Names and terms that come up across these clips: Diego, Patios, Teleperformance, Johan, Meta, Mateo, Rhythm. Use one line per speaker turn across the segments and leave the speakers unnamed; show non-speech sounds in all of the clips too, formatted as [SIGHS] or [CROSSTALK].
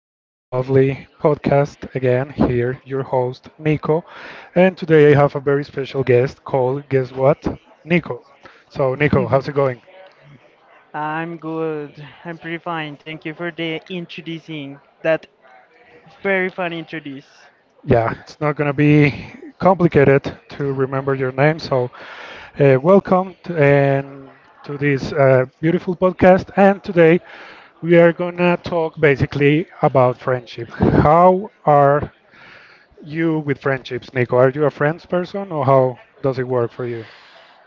to this lovely podcast. Again, here, your host, Nico. And today I have a very special guest called, guess what? Nico. So, Nico, how's it going?
I'm good. I'm pretty fine. Thank you for the introducing. That very fun introduce.
Yeah, it's not going to be complicated to remember your name. So, welcome to, and to this beautiful podcast. And today we are going to talk basically about friendship. How are you with friendships, Nico? Are you a friends person or how does it work for you?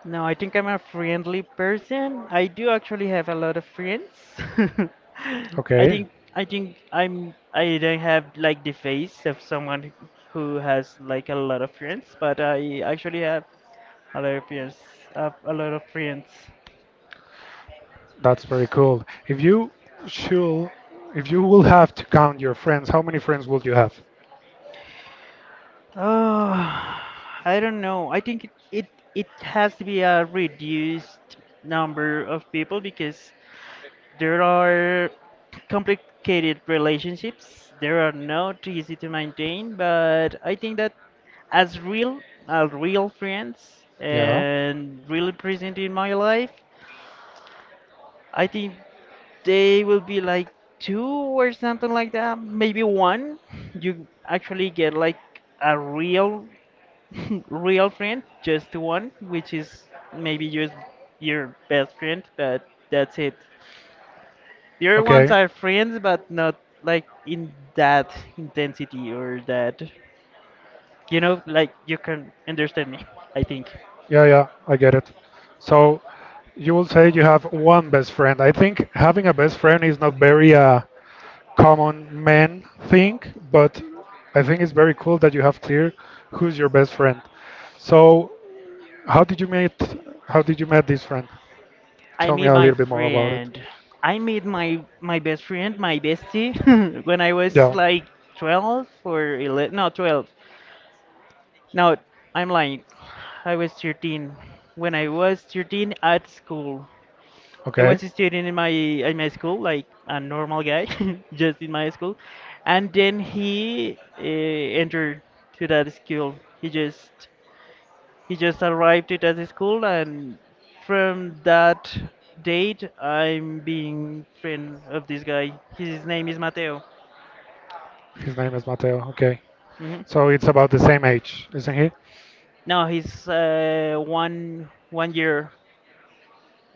No, I think I'm a friendly person. I do actually have a lot of friends. [LAUGHS] I
Okay,
think I think I'm I don't have like the face of someone who has like a lot of friends, but I actually have a lot of friends. Have a lot of friends.
that's very cool. Should, if you will have to count your friends, how many friends would you have?
Uh, I don't know. I think it has to be a reduced number of people because there are complicated relationships. There are not easy to maintain, but I think that as real friends
Yeah.
and really present in my life, I think they will be like two or something like that. Maybe one. [LAUGHS] You actually get like a real [LAUGHS] real friend, just one, which is maybe your best friend, but that's it. The other ones
Okay.
are friends, but not like in that intensity or that, you know, like you can understand me. I think
Yeah, yeah, I get it. So you will say you have one best friend. I think having a best friend is not very common man thing, but I think it's very cool that you have clear who's your best friend. So how did you meet? How did you met this friend?
I
Tell me
meet
a
my
little bit more about it.
friend. I meet my best friend, my bestie, [LAUGHS] when I was
Yeah.
like 12 or 11. No, 12. No, I'm lying. I was 13. When I was 13 at school. I
Okay.
was a student in my school, like a normal guy, [LAUGHS] just in my school, and then he entered to that school. He just arrived to that school, and from that date, I'm being friend of this guy. His name is Mateo.
His name is Mateo. Okay.
hmm
So it's about the same age, isn't he?
No, he's uh,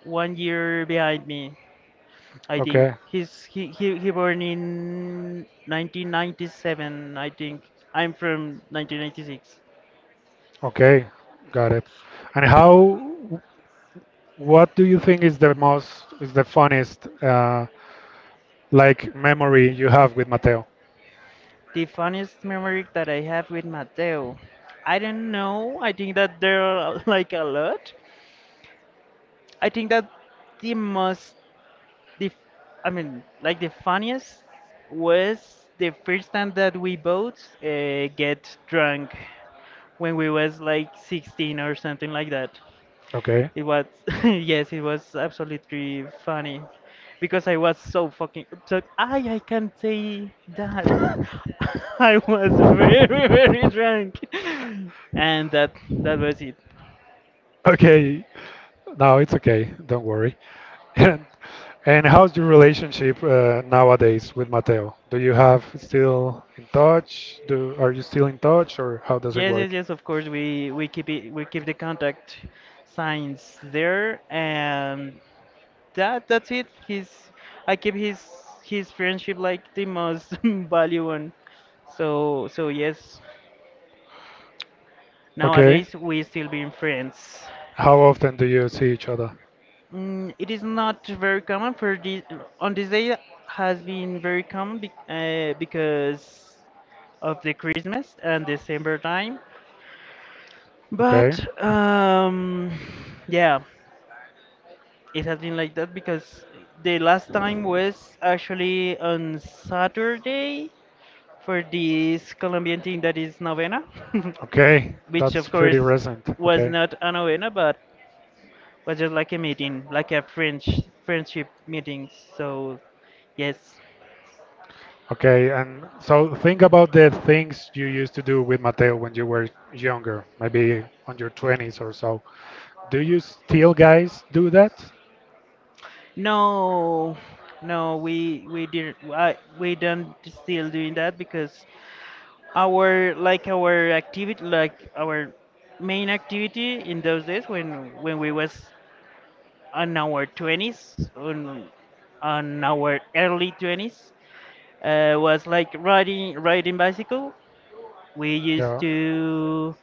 1 year behind me. I think
Okay.
he born in 1997. I think I'm from 1996.
Okay. Got it. And how? What do you think is the most is the funniest like memory you have with Mateo?
The funniest memory that I have with Mateo, I don't know. I think that there are [LAUGHS] like a lot. I think that the most the I mean like the funniest was the first time that we both get drunk when we was like 16 or something like that.
Okay. [LAUGHS]
It was, [LAUGHS] yes, it was absolutely funny because I was so fucking so I can't say that. [LAUGHS] I was very, very drunk, and that was it.
Okay. No, it's okay. Don't worry. And and how's your relationship nowadays with Mateo? Do you have still in touch? Do Are you still in touch, or how does it
Yes, yes,
work?
yes. Of course, we keep the contact signs there, and that's it. His I keep his friendship like the most [LAUGHS] value one. So yes,
Okay.
nowadays we still being friends.
How often do you see each other?
Mm, it is not very common for this on this day has been very common because of the Christmas and December time.
Okay.
But yeah, it has been like that because the last time was actually on Saturday for this Colombian thing that is novena,
Okay.
[LAUGHS] which
That's
of
pretty
course
recent.
was
Okay.
not a novena, but was just like a meeting, like a French friendship meeting. So yes,
Okay. And so think about the things you used to do with Mateo when you were younger, maybe on your 20s or so. Do you still guys do that?
No, no, we didn't. We don't still doing that because our activity, like our main activity in those days when we was on our twenties, on our early twenties, was like riding bicycle. We used
Yeah.
to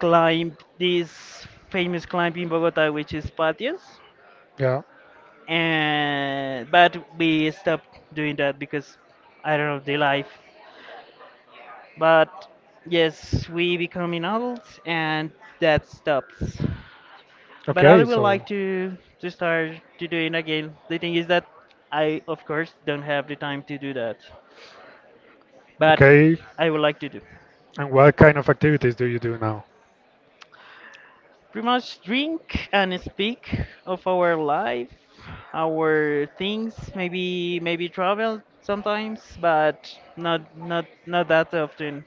climb this famous climb in Bogota, which is Patios.
Yeah.
And but we stopped doing that because I don't know the life. But yes, we becoming adults and that stops. But I
Okay.
would
So,
like to start to doing again. The thing is that I of course don't have the time to do that, but
okay.
I would like to do.
And what kind of activities do you do now?
Pretty much drink and speak of our life, our things, maybe travel sometimes, but not that often.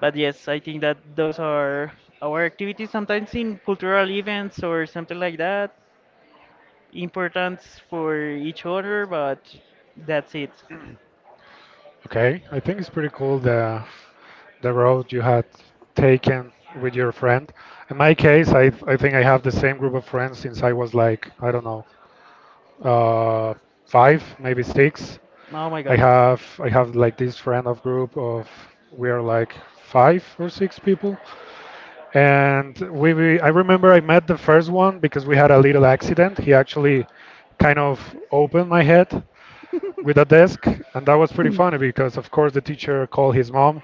But yes, I think that those are our activities sometimes in cultural events or something like that. Importance for each other, but that's it.
Okay, I think it's pretty cool the road you had taken with your friend. In my case, I think I have the same group of friends since I was like, I don't know, uh, five, maybe six.
Oh my
I
god.
have I have like this friend of group of we are like five or six people. And we I remember I met the first one because we had a little accident. He actually kind of opened my head with a desk, and that was pretty funny because of course the teacher called his mom,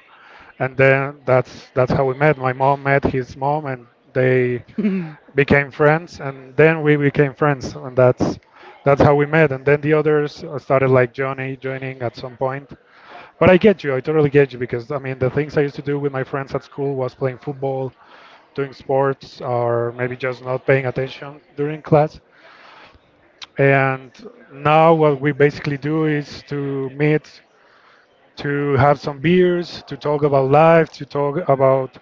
and then that's how we met. My mom met his mom, and they
[LAUGHS]
became friends, and then we became friends, and that's how we met. And then the others started like Johnny joining at some point. But I get you, I totally get you because I mean the things I used to do with my friends at school was playing football, doing sports, or maybe just not paying attention during class. And now what we basically do is to meet to have some beers, to talk about life, to talk about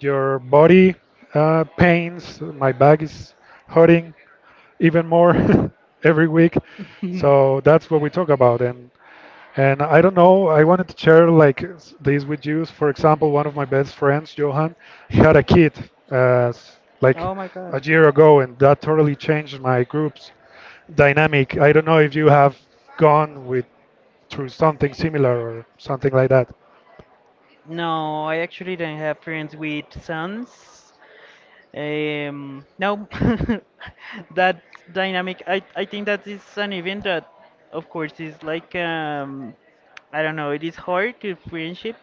your body pains. My back is hurting even more [LAUGHS] every week. So that's what we talk about. And I don't know, I wanted to share like this with you. For example, one of my best friends, Johan, he had a kid like
Oh my god.
a year ago, and that totally changed my group's dynamic. I don't know if you have gone with through something similar or something like that.
No, I actually don't have friends with sons. No, [LAUGHS] that dynamic, I think that is an event that, of course, is like, I don't know, it is hard to friendship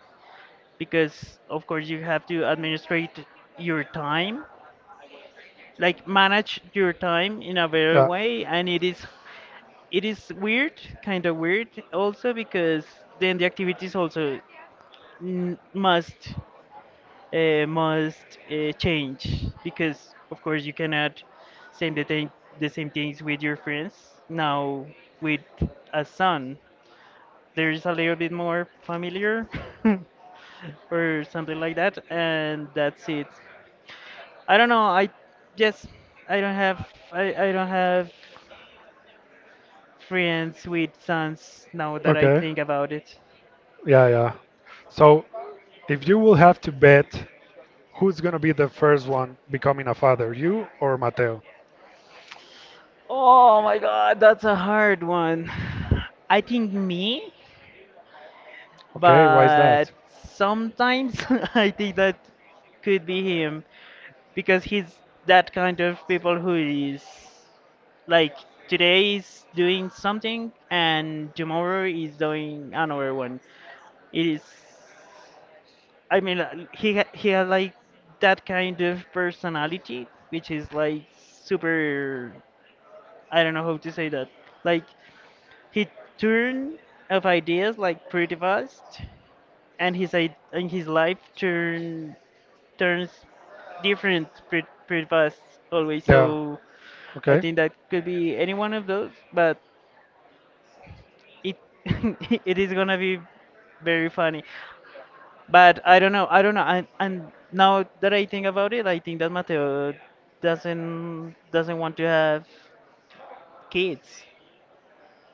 because, of course, you have to administrate your time, like manage your time in a better
Yeah.
way, and it is weird, kind of weird, also because then the activities also n must change because of course you cannot same the same things with your friends now with a son there's a little bit more familiar [LAUGHS] or something like that, and that's it. I don't know. Just i don't have I don't have friends with sons now that I
Okay.
think about it.
Yeah, yeah. So if you will have to bet who's gonna be the first one becoming a father, you or Mateo?
Oh my god, that's a hard one. [SIGHS] I think me.
Okay, why is
But
that?
sometimes [LAUGHS] I think that could be him because he's that kind of people who is like today is doing something and tomorrow is doing another one. It is I mean uh, he had like that kind of personality which is like super, I don't know how to say that. Like he Turn of ideas like pretty fast, and his life turns different pretty, pretty fast always.
Yeah.
So I
Okay.
think that could be any one of those, but it [LAUGHS] it is gonna be very funny. But I don't know. I don't know. And now that I think about it, I think that Mateo doesn't want to have kids.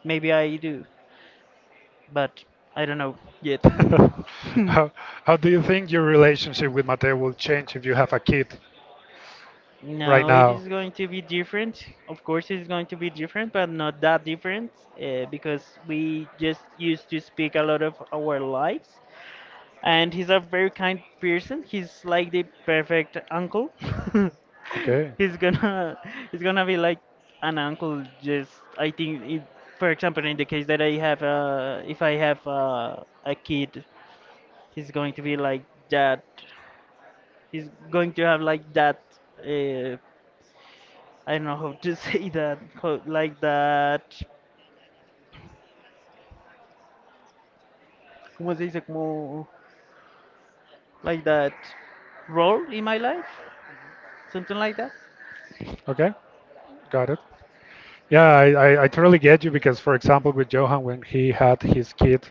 Maybe I do, but I don't know yet.
[LAUGHS]
[LAUGHS]
How, how do you think your relationship with Mateo will change if you have a kid right
No, it
now?
is going to be different. Of course, it's going to be different, but not that different, because we just used to speak a lot of our lives. And he's a very kind person. He's like the perfect uncle. [LAUGHS]
Okay,
he's gonna he's gonna be like an uncle. Just I think, if, for example, in the case that I have a if I have a kid, he's going to be like that. He's going to have like that. Uh, I don't know how to [LAUGHS] say that, how, like that, ¿cómo se dice? Como, like that role in my life, something like that.
okay, got it. Yeah, I totally get you because, for example, with Johan, when he had his kid,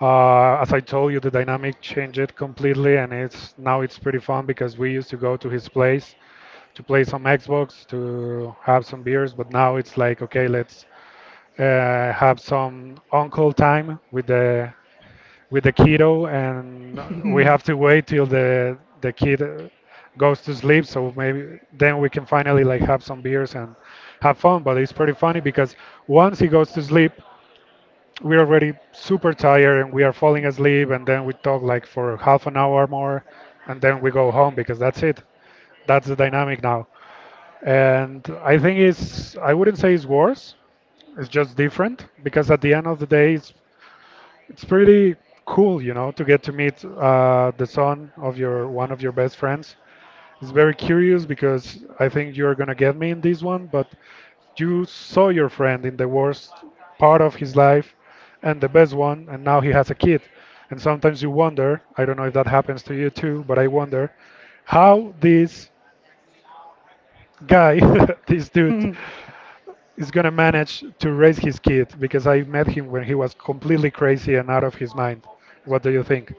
as I told you, the dynamic changed completely, and it's now it's pretty fun because we used to go to his place to play some Xbox, to have some beers, but now it's like, okay, let's have some uncle time with the kiddo, and we have to
[LAUGHS]
wait till the kid goes to sleep. So maybe then we can finally like have some beers and have fun. But it's pretty funny because once he goes to sleep, we're already super tired and we are falling asleep, and then we talk like for half an hour more, and then we go home because that's it. That's the dynamic now. And I think it's I wouldn't say it's worse. It's just different because at the end of the day, it's pretty cool, you know, to get to meet the son of your one of your best friends. It's very curious because I think you're gonna get me in this one, but you saw your friend in the worst part of his life and the best one, and now he has a kid. And sometimes you wonder, I don't know if that happens to you too, but I wonder how this guy, [LAUGHS] this dude, is gonna manage to raise his kid because I met him when he was completely crazy and out of his mind. What do you think?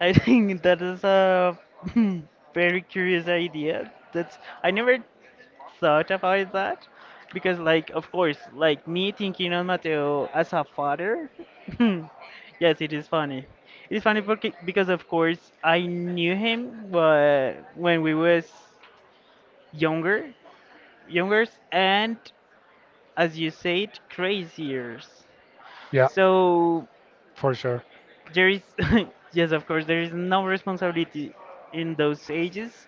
I think that is a [CLEARS THROAT] [LAUGHS] very curious idea. That's I never thought about that because, like, of course, like me thinking on Mateo as a father. [LAUGHS] Yes, it is funny. It's funny because, of course, I knew him, but when we was younger, younger and as you said crazier,
Yeah,
so
for sure.
there is [LAUGHS] yes, of course there is no responsibility in those ages,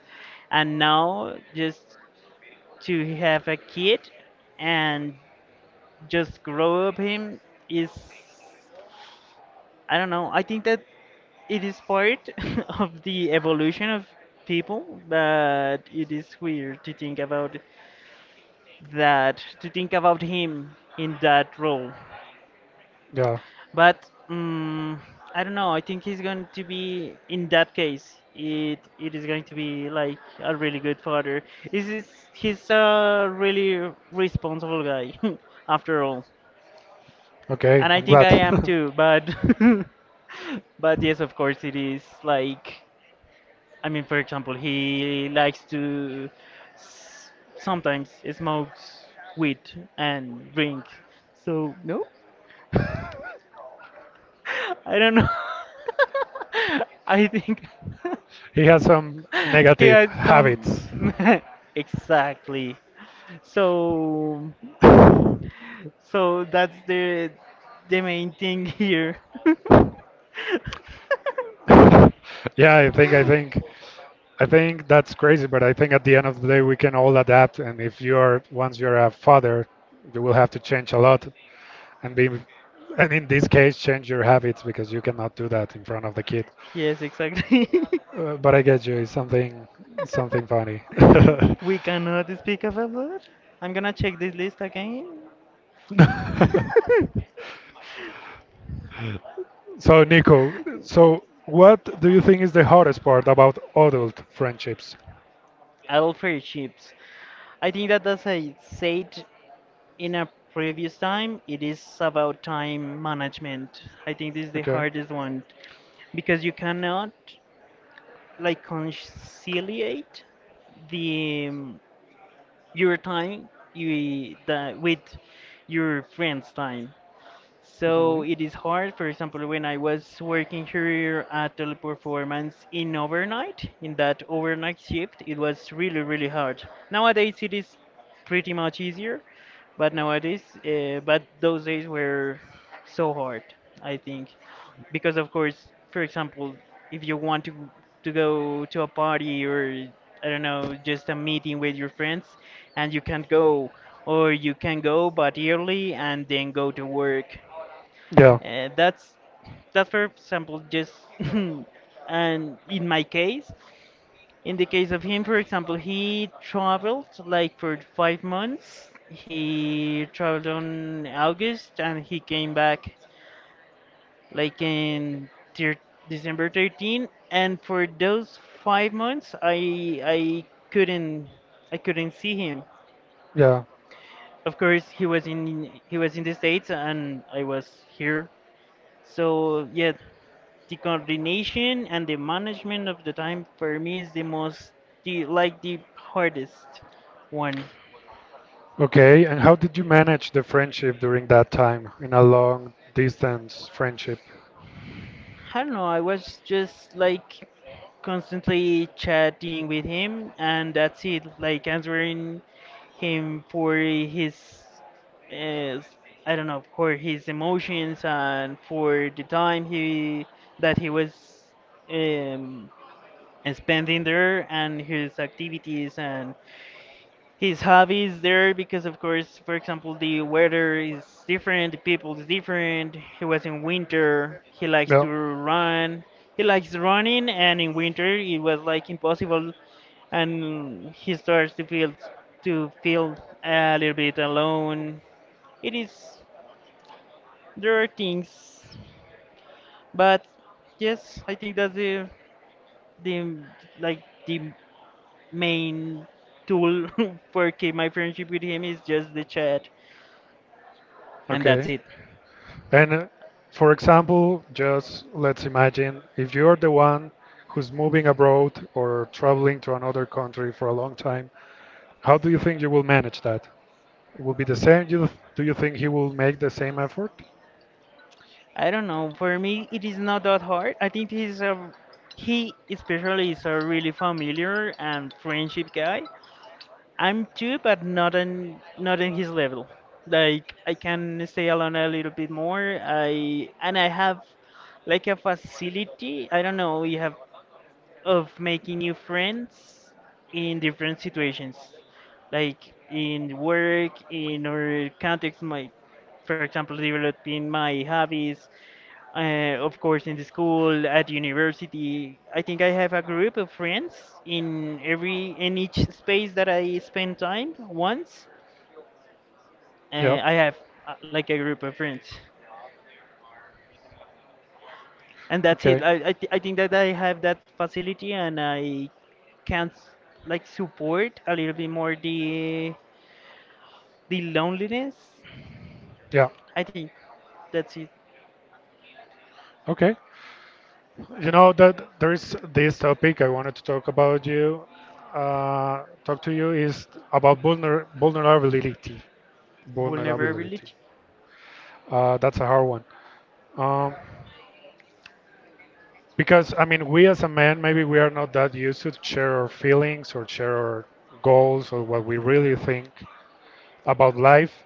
and now just to have a kid and just grow up him is, I don't know, I think that it is part [LAUGHS] of the evolution of people, but it is weird to think about that to think about him in that role.
Yeah.
But mm, I don't know. I think he's going to be in that case. It is going to be like a really good father. Is he's a really responsible guy, [LAUGHS] after all,
Okay,
and I
I'm
think
glad.
I am
[LAUGHS]
too. But [LAUGHS] but yes, of course it is like, I mean, for example, he likes to sometimes smokes weed and drink. So no, I don't know. [LAUGHS] I think
He has some
[LAUGHS] he
negative
had some
habits.
[LAUGHS] exactly. So that's the main thing here. [LAUGHS]
[LAUGHS] Yeah, I think that's crazy, but I think at the end of the day we can all adapt and if you're once you're a father, you will have to change a lot and be and in this case change your habits because you cannot do that in front of the kid.
Yes, exactly.
But I get you, it's something funny.
[LAUGHS] We cannot speak about blood. I'm gonna check this list again.
[LAUGHS]
[LAUGHS]
[LAUGHS] So, Nico, so what do you think is the hardest part about adult friendships?
Adult fair chips. I think that that's a said in a previous time, it is about time management. I think this is the
Okay.
hardest one because you cannot like conciliate the your time you that with your friends' time. So
Mhm.
it is hard. For example, when I was working here at Teleperformance in overnight, in that overnight shift, it was really, really hard. Nowadays, it is pretty much easier, but but those days were so hard, I think, because of course, for example, if you want to go to a party or I don't know, just a meeting with your friends, and you can't go, or you can go but early and then go to work,
Yeah.
uh, that's that's for example just [LAUGHS] and in my case, in the case of him, for example, he traveled like for 5 months. He traveled on August and he came back like December 13. And for those 5 months, couldn't I couldn't see him.
Yeah.
Of course, he was in the States and I was here. So yeah, the coordination and the management of the time for me is the most the like the hardest one.
Okay. And how did you manage the friendship during that time in a long distance friendship?
I don't know, I was just like constantly chatting with him, and that's it, like answering him for his uh, I don't know, for his emotions and for the time he that he was um, spending there, and his activities and his hobbies there, because of course, for example, the weather is different, the people is different, he was in winter, he likes
Yeah.
to run, he likes running, and in winter it was like impossible. And he starts to feel a little bit alone. It is, there are things, but yes, I think that's the the main tool [LAUGHS] for keep my friendship with him is just the chat, and that's
Okay.
it.
And for example, just let's imagine if you're the one who's moving abroad or traveling to another country for a long time, how do you think you will manage that? It will be the same? You, do you think he will make the same effort?
I don't know. For me, it is not that hard. I think he especially is a really familiar and friendship guy. I'm too, but not in his level. Like I can stay alone a little bit more. I have like a facility. I don't know. You have of making new friends in different situations, like in work, in or context, my, for example, developing my hobbies, of course, in the school, at university, I think I have a group of friends in every in each space that I spend time. Once,
Yeah.
I have like a group of friends, and that's it.
Okay.
I think that I have that facility, and I can s- like support a little bit more the loneliness.
Yeah.
I think that's it.
Okay. You know that there is this topic I wanted to talk about you. Talk to you is about vulnerability. Vulnerability.
Vulnerability.
That's a hard one. Um, because I mean, we as a man, maybe we are not that used to share our feelings or share our goals or what we really think about life.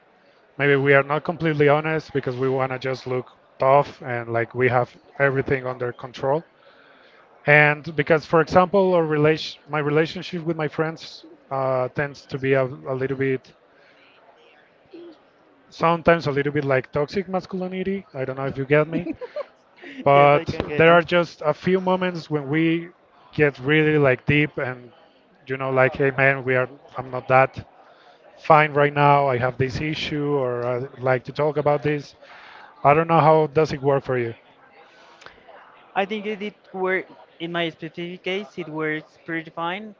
Maybe we are not completely honest because we want to just look tough and like we have everything under control. And because, for example, my relationship with my friends tends to be a little bit, sometimes a little bit like toxic masculinity. I don't know if you get me,
[LAUGHS] Yes, I
but
can get
there
you.
are just a few moments when we get really like deep and, you know, like, hey man, we are, I'm not that fine right now. I have this issue, or I'd like to talk about this. I don't know how does it work for you.
I think it did work in my specific case. It works pretty fine.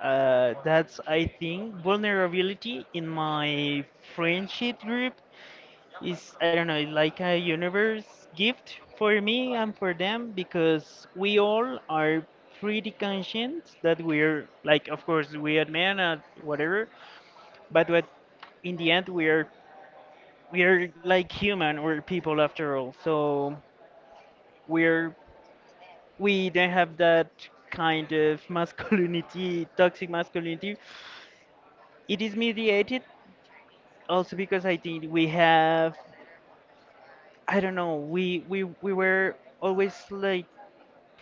That's I think vulnerability in my friendship group is, I don't know, like a universe gift for me and for them, because we all are pretty conscient that we're, like, of course we are men and whatever, but what in the end we are, we are like human, we're people after all. So we're, we don't have that kind of [LAUGHS] masculinity, toxic masculinity. It is mediated also because I think we have, I don't know, we were always like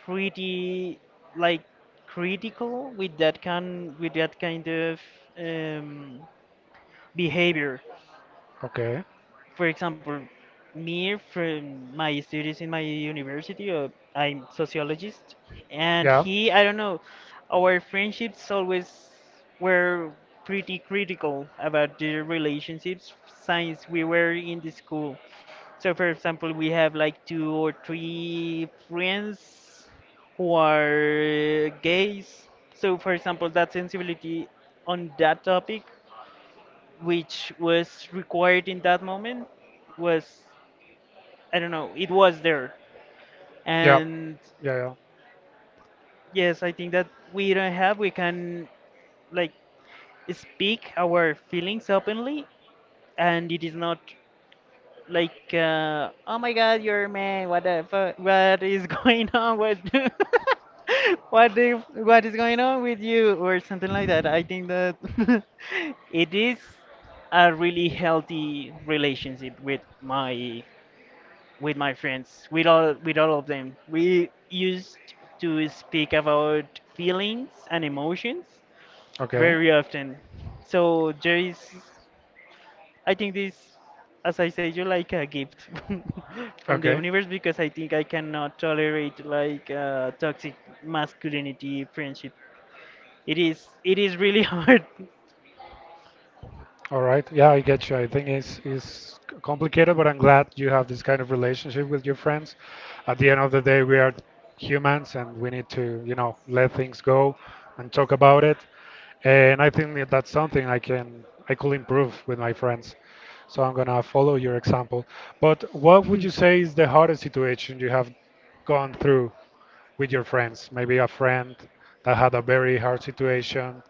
pretty, like, critical with that kind of um, behavior.
Okay.
For example, me from my studies in my university, I'm sociologist, and
Yeah.
he, I don't know, our friendships always were pretty critical about the relationships since we were in the school. So, for example, we have like 2 or 3 friends who are gays. So, for example, that sensibility on that topic, which was required in that moment, was, I don't know, it was there.
Yeah.
And
Yeah. Yeah.
yes, I think that we don't have, we can, like, speak our feelings openly, and it is not like oh my god, you're a man, what the fuck, what is [LAUGHS] going on, what [LAUGHS] what the what is going on with you, or something like that. I think that [LAUGHS] it is a really healthy relationship with my, with my friends, with all of them. We used to speak about feelings and emotions
Okay.
very often. So there is, I think this, as I said, you're like a gift [LAUGHS] from the
Okay.
universe, because I think I cannot tolerate like toxic masculinity friendship. It is, it is really [LAUGHS] hard.
All right. Yeah, I get you. I think it's complicated, but I'm glad you have this kind of relationship with your friends. At the end of the day, we are humans and we need to, you know, let things go and talk about it. And I think that that's something I could improve with my friends. So I'm gonna follow your example. But what would you say is the hardest situation you have gone through with your friends? Maybe a friend that had a very hard situation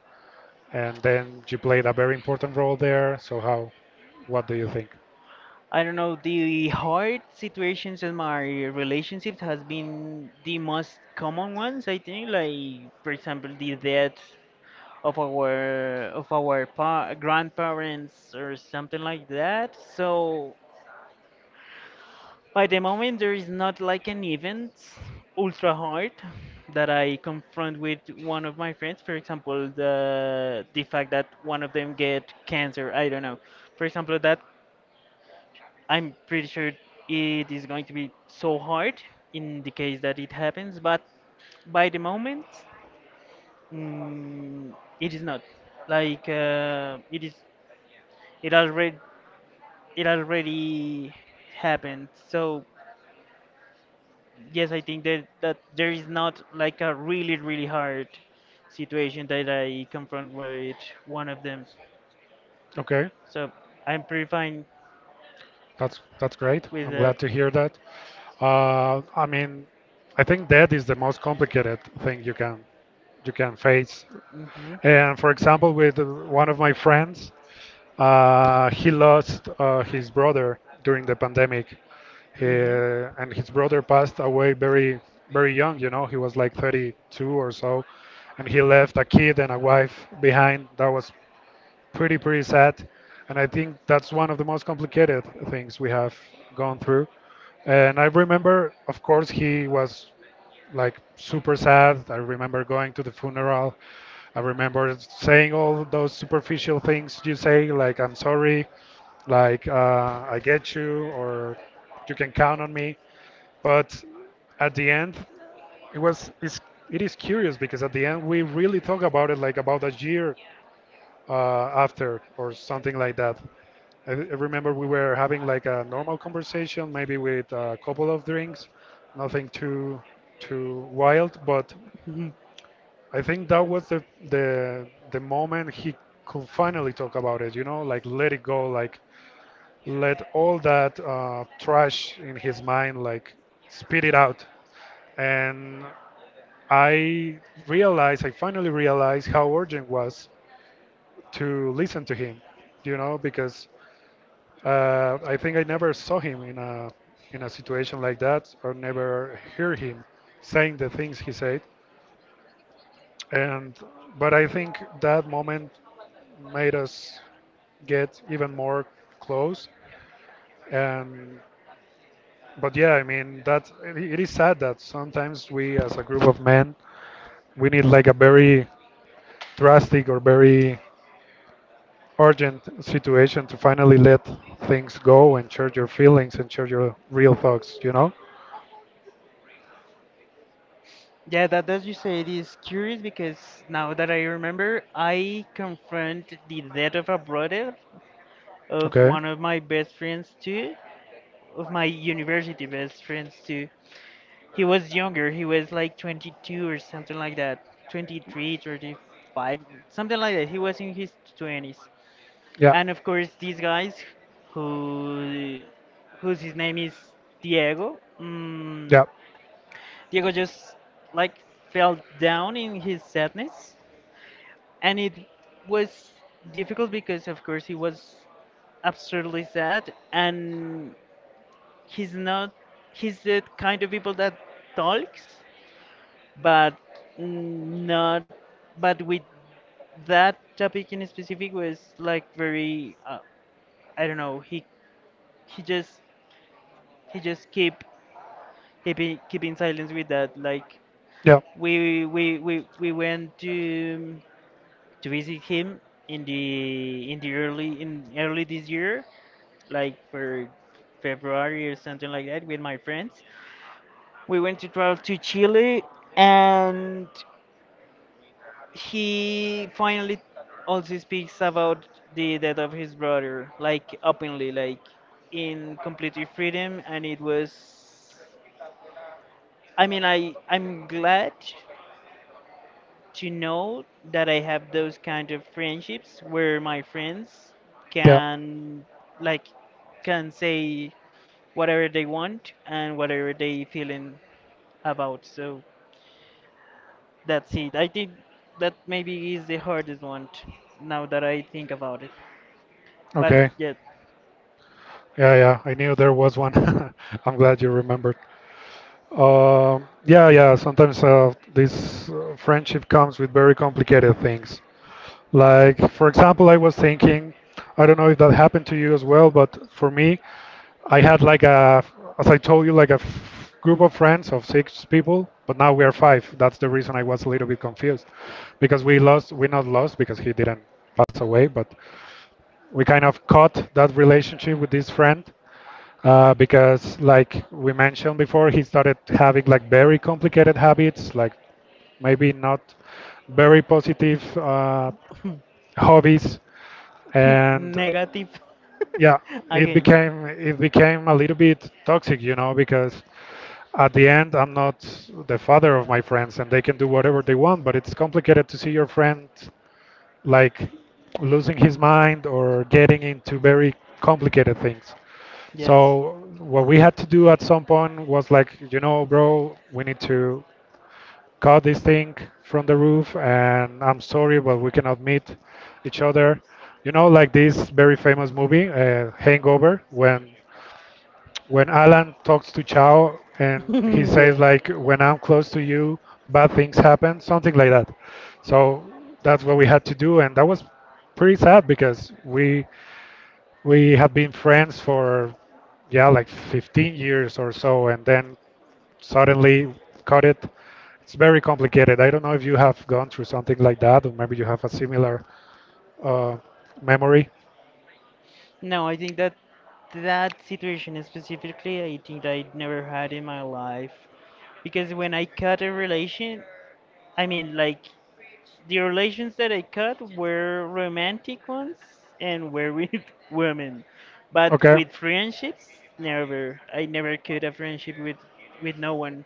and then you played a very important role there. So how, what do you think?
I don't know, the hard situations in my relationship has been the most common ones, I think, like, for example, the death of our pa grandparents or something like that. So by the moment there is not like an event ultra hard that I confront with one of my friends. For example, the fact that one of them get cancer, I don't know. For example, that I'm pretty sure it is going to be so hard in the case that it happens, but by the moment, mm, it is not. Like it is, it already, it already happened. So yes, I think that there is not like a really really hard situation that I confront with one of them.
Okay,
So I'm pretty fine
that's great.
with
I'm
that.
glad to hear that. I mean, I think that is the most complicated thing you can face.
Mhm.
And for example, with one of my friends, uh, he lost his brother during the pandemic,
Mhm.
uh, and his brother passed away very, very young. You know, he was like 32 or so, and he left a kid and a wife behind. That was pretty, pretty sad, and I think that's one of the most complicated things we have gone through. And I remember, of course, he was like super sad. I remember going to the funeral. I remember saying all those superficial things you say, like "I'm sorry," like "I get you," or "You can count on me." But at the end, it was it's, it is curious because at the end we really talk about it like about a year uh, after or something like that. I remember we were having like a normal conversation, maybe with a couple of drinks, nothing too wild, but
[LAUGHS]
I think that was the the moment he could finally talk about it, you know, like let it go, like let all that trash in his mind like spit it out. And I realized, I finally realized how urgent was to listen to him, you know, because I think I never saw him in a situation like that, or never hear him saying the things he said. And but I think that moment made us get even more close. And but yeah, I mean that it is sad that sometimes we, as a group of men, we need like a very drastic or very urgent situation to finally let things go and share your feelings and share your real thoughts. You know?
Yeah, that that you said is curious, because now that I remember, I confront the death of a brother of
Okay.
one of my best friends too, of my university best friends too. He was younger, he was like 22 or something like that, 23, 35, something like that. He was in his 20s.
Yeah.
And of course, these guys who whose his name is Diego,
Yeah.
Diego just like fell down in his sadness, and it was difficult because of course he was absurdly sad, and he's not, he's the kind of people that talks, but mm, not, but with that topic in specific was like very I don't know, he just he just keep keeping silence with that. Like
Yeah.
we went to visit him in the early in early this year, like for February or something like that with my friends. We went to travel to Chile, and he finally also speaks about the death of his brother, like openly, like in complete freedom, and it was, I mean, I'm glad to know that I have those kind of friendships where my friends
Yeah.
can, like, can say whatever they want and whatever they feeling about. So that's it. I think that maybe is the hardest one t- now that I think about it. But
Okay.
yet
Yeah. Yeah, I knew there was one. [LAUGHS] I'm glad you remembered. Yeah. Yeah. Sometimes this friendship comes with very complicated things. Like, for example, I was thinking, I don't know if that happened to you as well, but for me, I had like a, as I told you, like a f group of friends of six people, but now we are five. That's the reason I was a little bit confused because we lost, we not lost because he didn't pass away, but we kind of cut that relationship with this friend because, like we mentioned before, he started having like very complicated habits, like maybe not very positive hobbies,
[LAUGHS]
and
negative
yeah,
[LAUGHS] again.
it became a little bit toxic, you know, because at the end I'm not the father of my friends, and they can do whatever they want, but it's complicated to see your friend like losing his mind or getting into very complicated things.
Yes.
So what we had to do at some point was like, you know, bro, we need to cut this thing from the roof, and I'm sorry, but we cannot meet each other. You know, like this very famous movie, Hangover, when Alan talks to Chao and he
[LAUGHS]
says
Yeah.
like when I'm close to you bad things happen, something like that. So that's what we had to do, and that was pretty sad because we had been friends for yeah like 15 years or so, and then suddenly cut it. It's very complicated. I don't know if you have gone through something like that, or maybe you have a similar uh, memory.
No, I think that that situation specifically, I think I never had in my life. Because when I cut a relation, I mean, like, the relations that I cut were romantic ones, and were with [LAUGHS] women. But
Okay.
with friendships, never. I never cut a friendship with no one.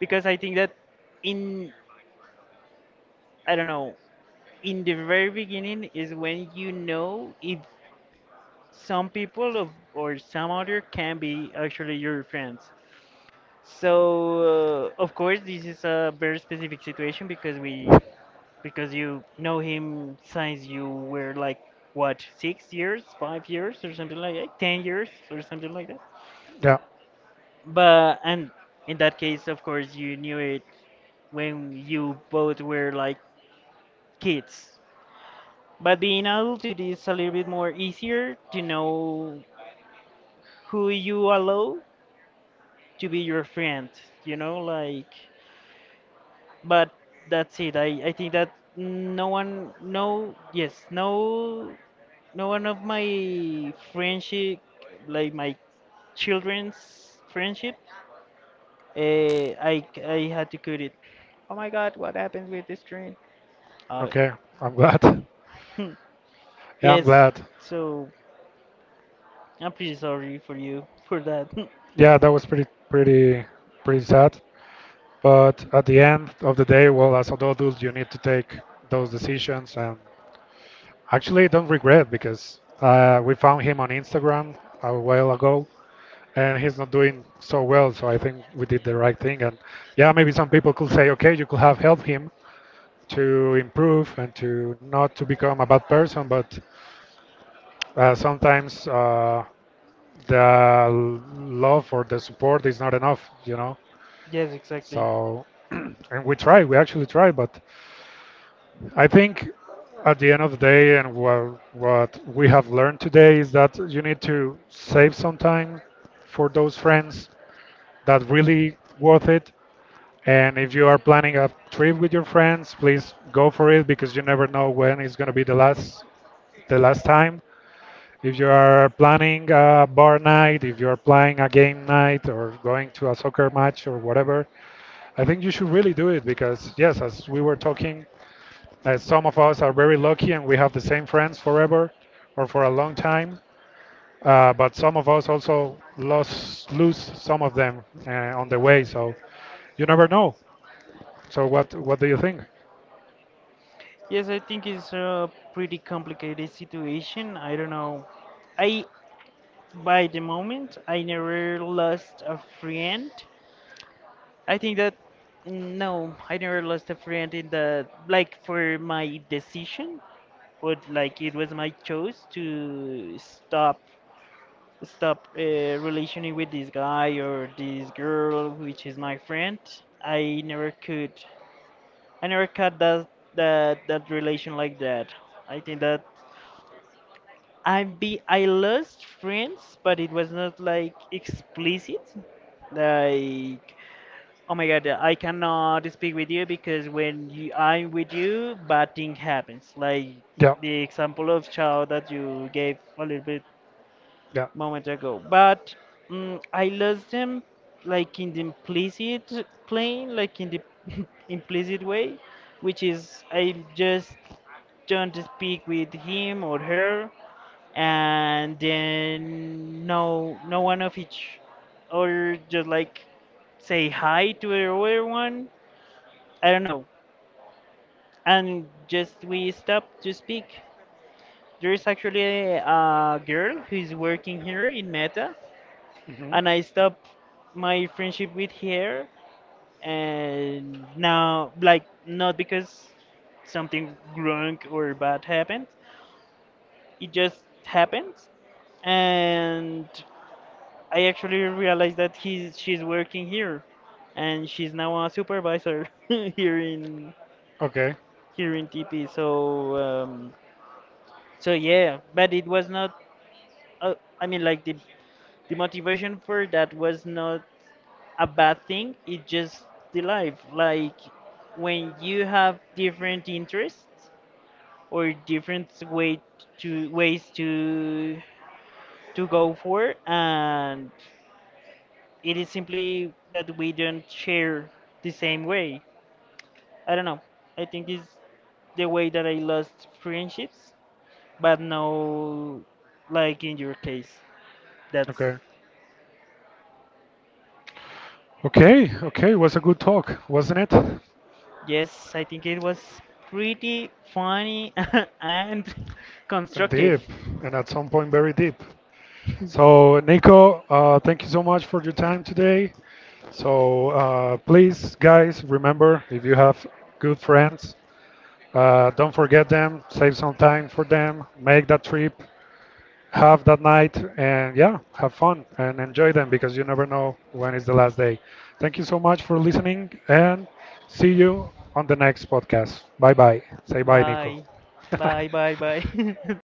Because I think that in, I don't know, in the very beginning is when you know if some people of, or some other can be actually your friends. So of course this is a very specific situation, because we, because you know him since you were like what, 6 years, 5 years, or something like that, 10 years, or something like that.
Yeah.
But and in that case, of course, you knew it when you both were like kids. But being adult, it is a little bit more easier to know who you allow to be your friend, you know, like, but that's it. I think that no one, no, yes, no, no one of my friendship, like my children's friendship, uh, I had to cut it. Okay.
Okay, I'm glad. [LAUGHS]
[LAUGHS]
Yeah, I'm
Yes.
glad.
So I'm pretty sorry for you for that.
Yeah, that was pretty pretty sad. But at the end of the day, well, as adults, you need to take those decisions, and actually don't regret because we found him on Instagram a while ago, and he's not doing so well. So I think we did the right thing, and yeah, maybe some people could say, okay, you could have helped him to improve and to not to become a bad person, but sometimes the love or the support is not enough, you know.
[LAUGHS] Yes, exactly.
So, [CLEARS THROAT] and we try, we actually try, but I think at the end of the day, and what we have learned today is that you need to save some time for those friends that really worth it. And if you are planning a trip with your friends, please go for it because you never know when it's going to be the last time. If you are planning a bar night, if you are planning a game night or going to a soccer match or whatever, I think you should really do it because, yes, as we were talking, some of us are very lucky and we have the same friends forever or for a long time. But some of us also lost, lose some of them on the way. So you never know. So what do you think?
Yes, I think it's a pretty complicated situation. I don't know, I, by the moment I never lost a friend. I think that, no, I never lost a friend in the like for my decision, but like it was my choice to stop relationing with this guy or this girl which is my friend. I never could, I never cut that, that relation like that. I think that I lost friends, but it was not like explicit. Like, oh my god, I cannot speak with you because when you, I'm with you, bad thing happens. Like
Yeah,
the example of Chao that you gave a little bit
yeah.
moment ago. But I lost them like in the implicit plane, like in the [LAUGHS] implicit way, which is I just don't speak with him or her, and then no one of each, or just like say hi to the other one. I don't know. And just we stop to speak. There is actually a girl who is working here in Meta,
Hmm.
and I stopped my friendship with her. And now, like, not because something wrong or bad happened, it just happens. And I actually realized that he's she's working here, and she's now a supervisor [LAUGHS] here in,
Okay,
here in TP. So so yeah, but it was not uh, I mean, like, the motivation for that was not a bad thing. It just the life, like when you have different interests or different ways to go for. And it is simply that we don't share the same way. I don't know. I think it's the way that I lost friendships, but no, like in your case. That's,
okay, okay, okay. It was a good talk, wasn't it? And
yes. I think it was pretty funny [LAUGHS] and [LAUGHS] constructive.
deep, and at some point very deep. So, Nico, thank you so much for your time today. So, please, guys, remember if you have good friends, don't forget them, save some time for them, make that trip, have that night, and yeah, have fun and enjoy them because you never know when is the last day. Thank you so much for listening and see you on the next podcast. Bye bye. Say bye, Nico.
Bye,
[LAUGHS]
bye. [LAUGHS]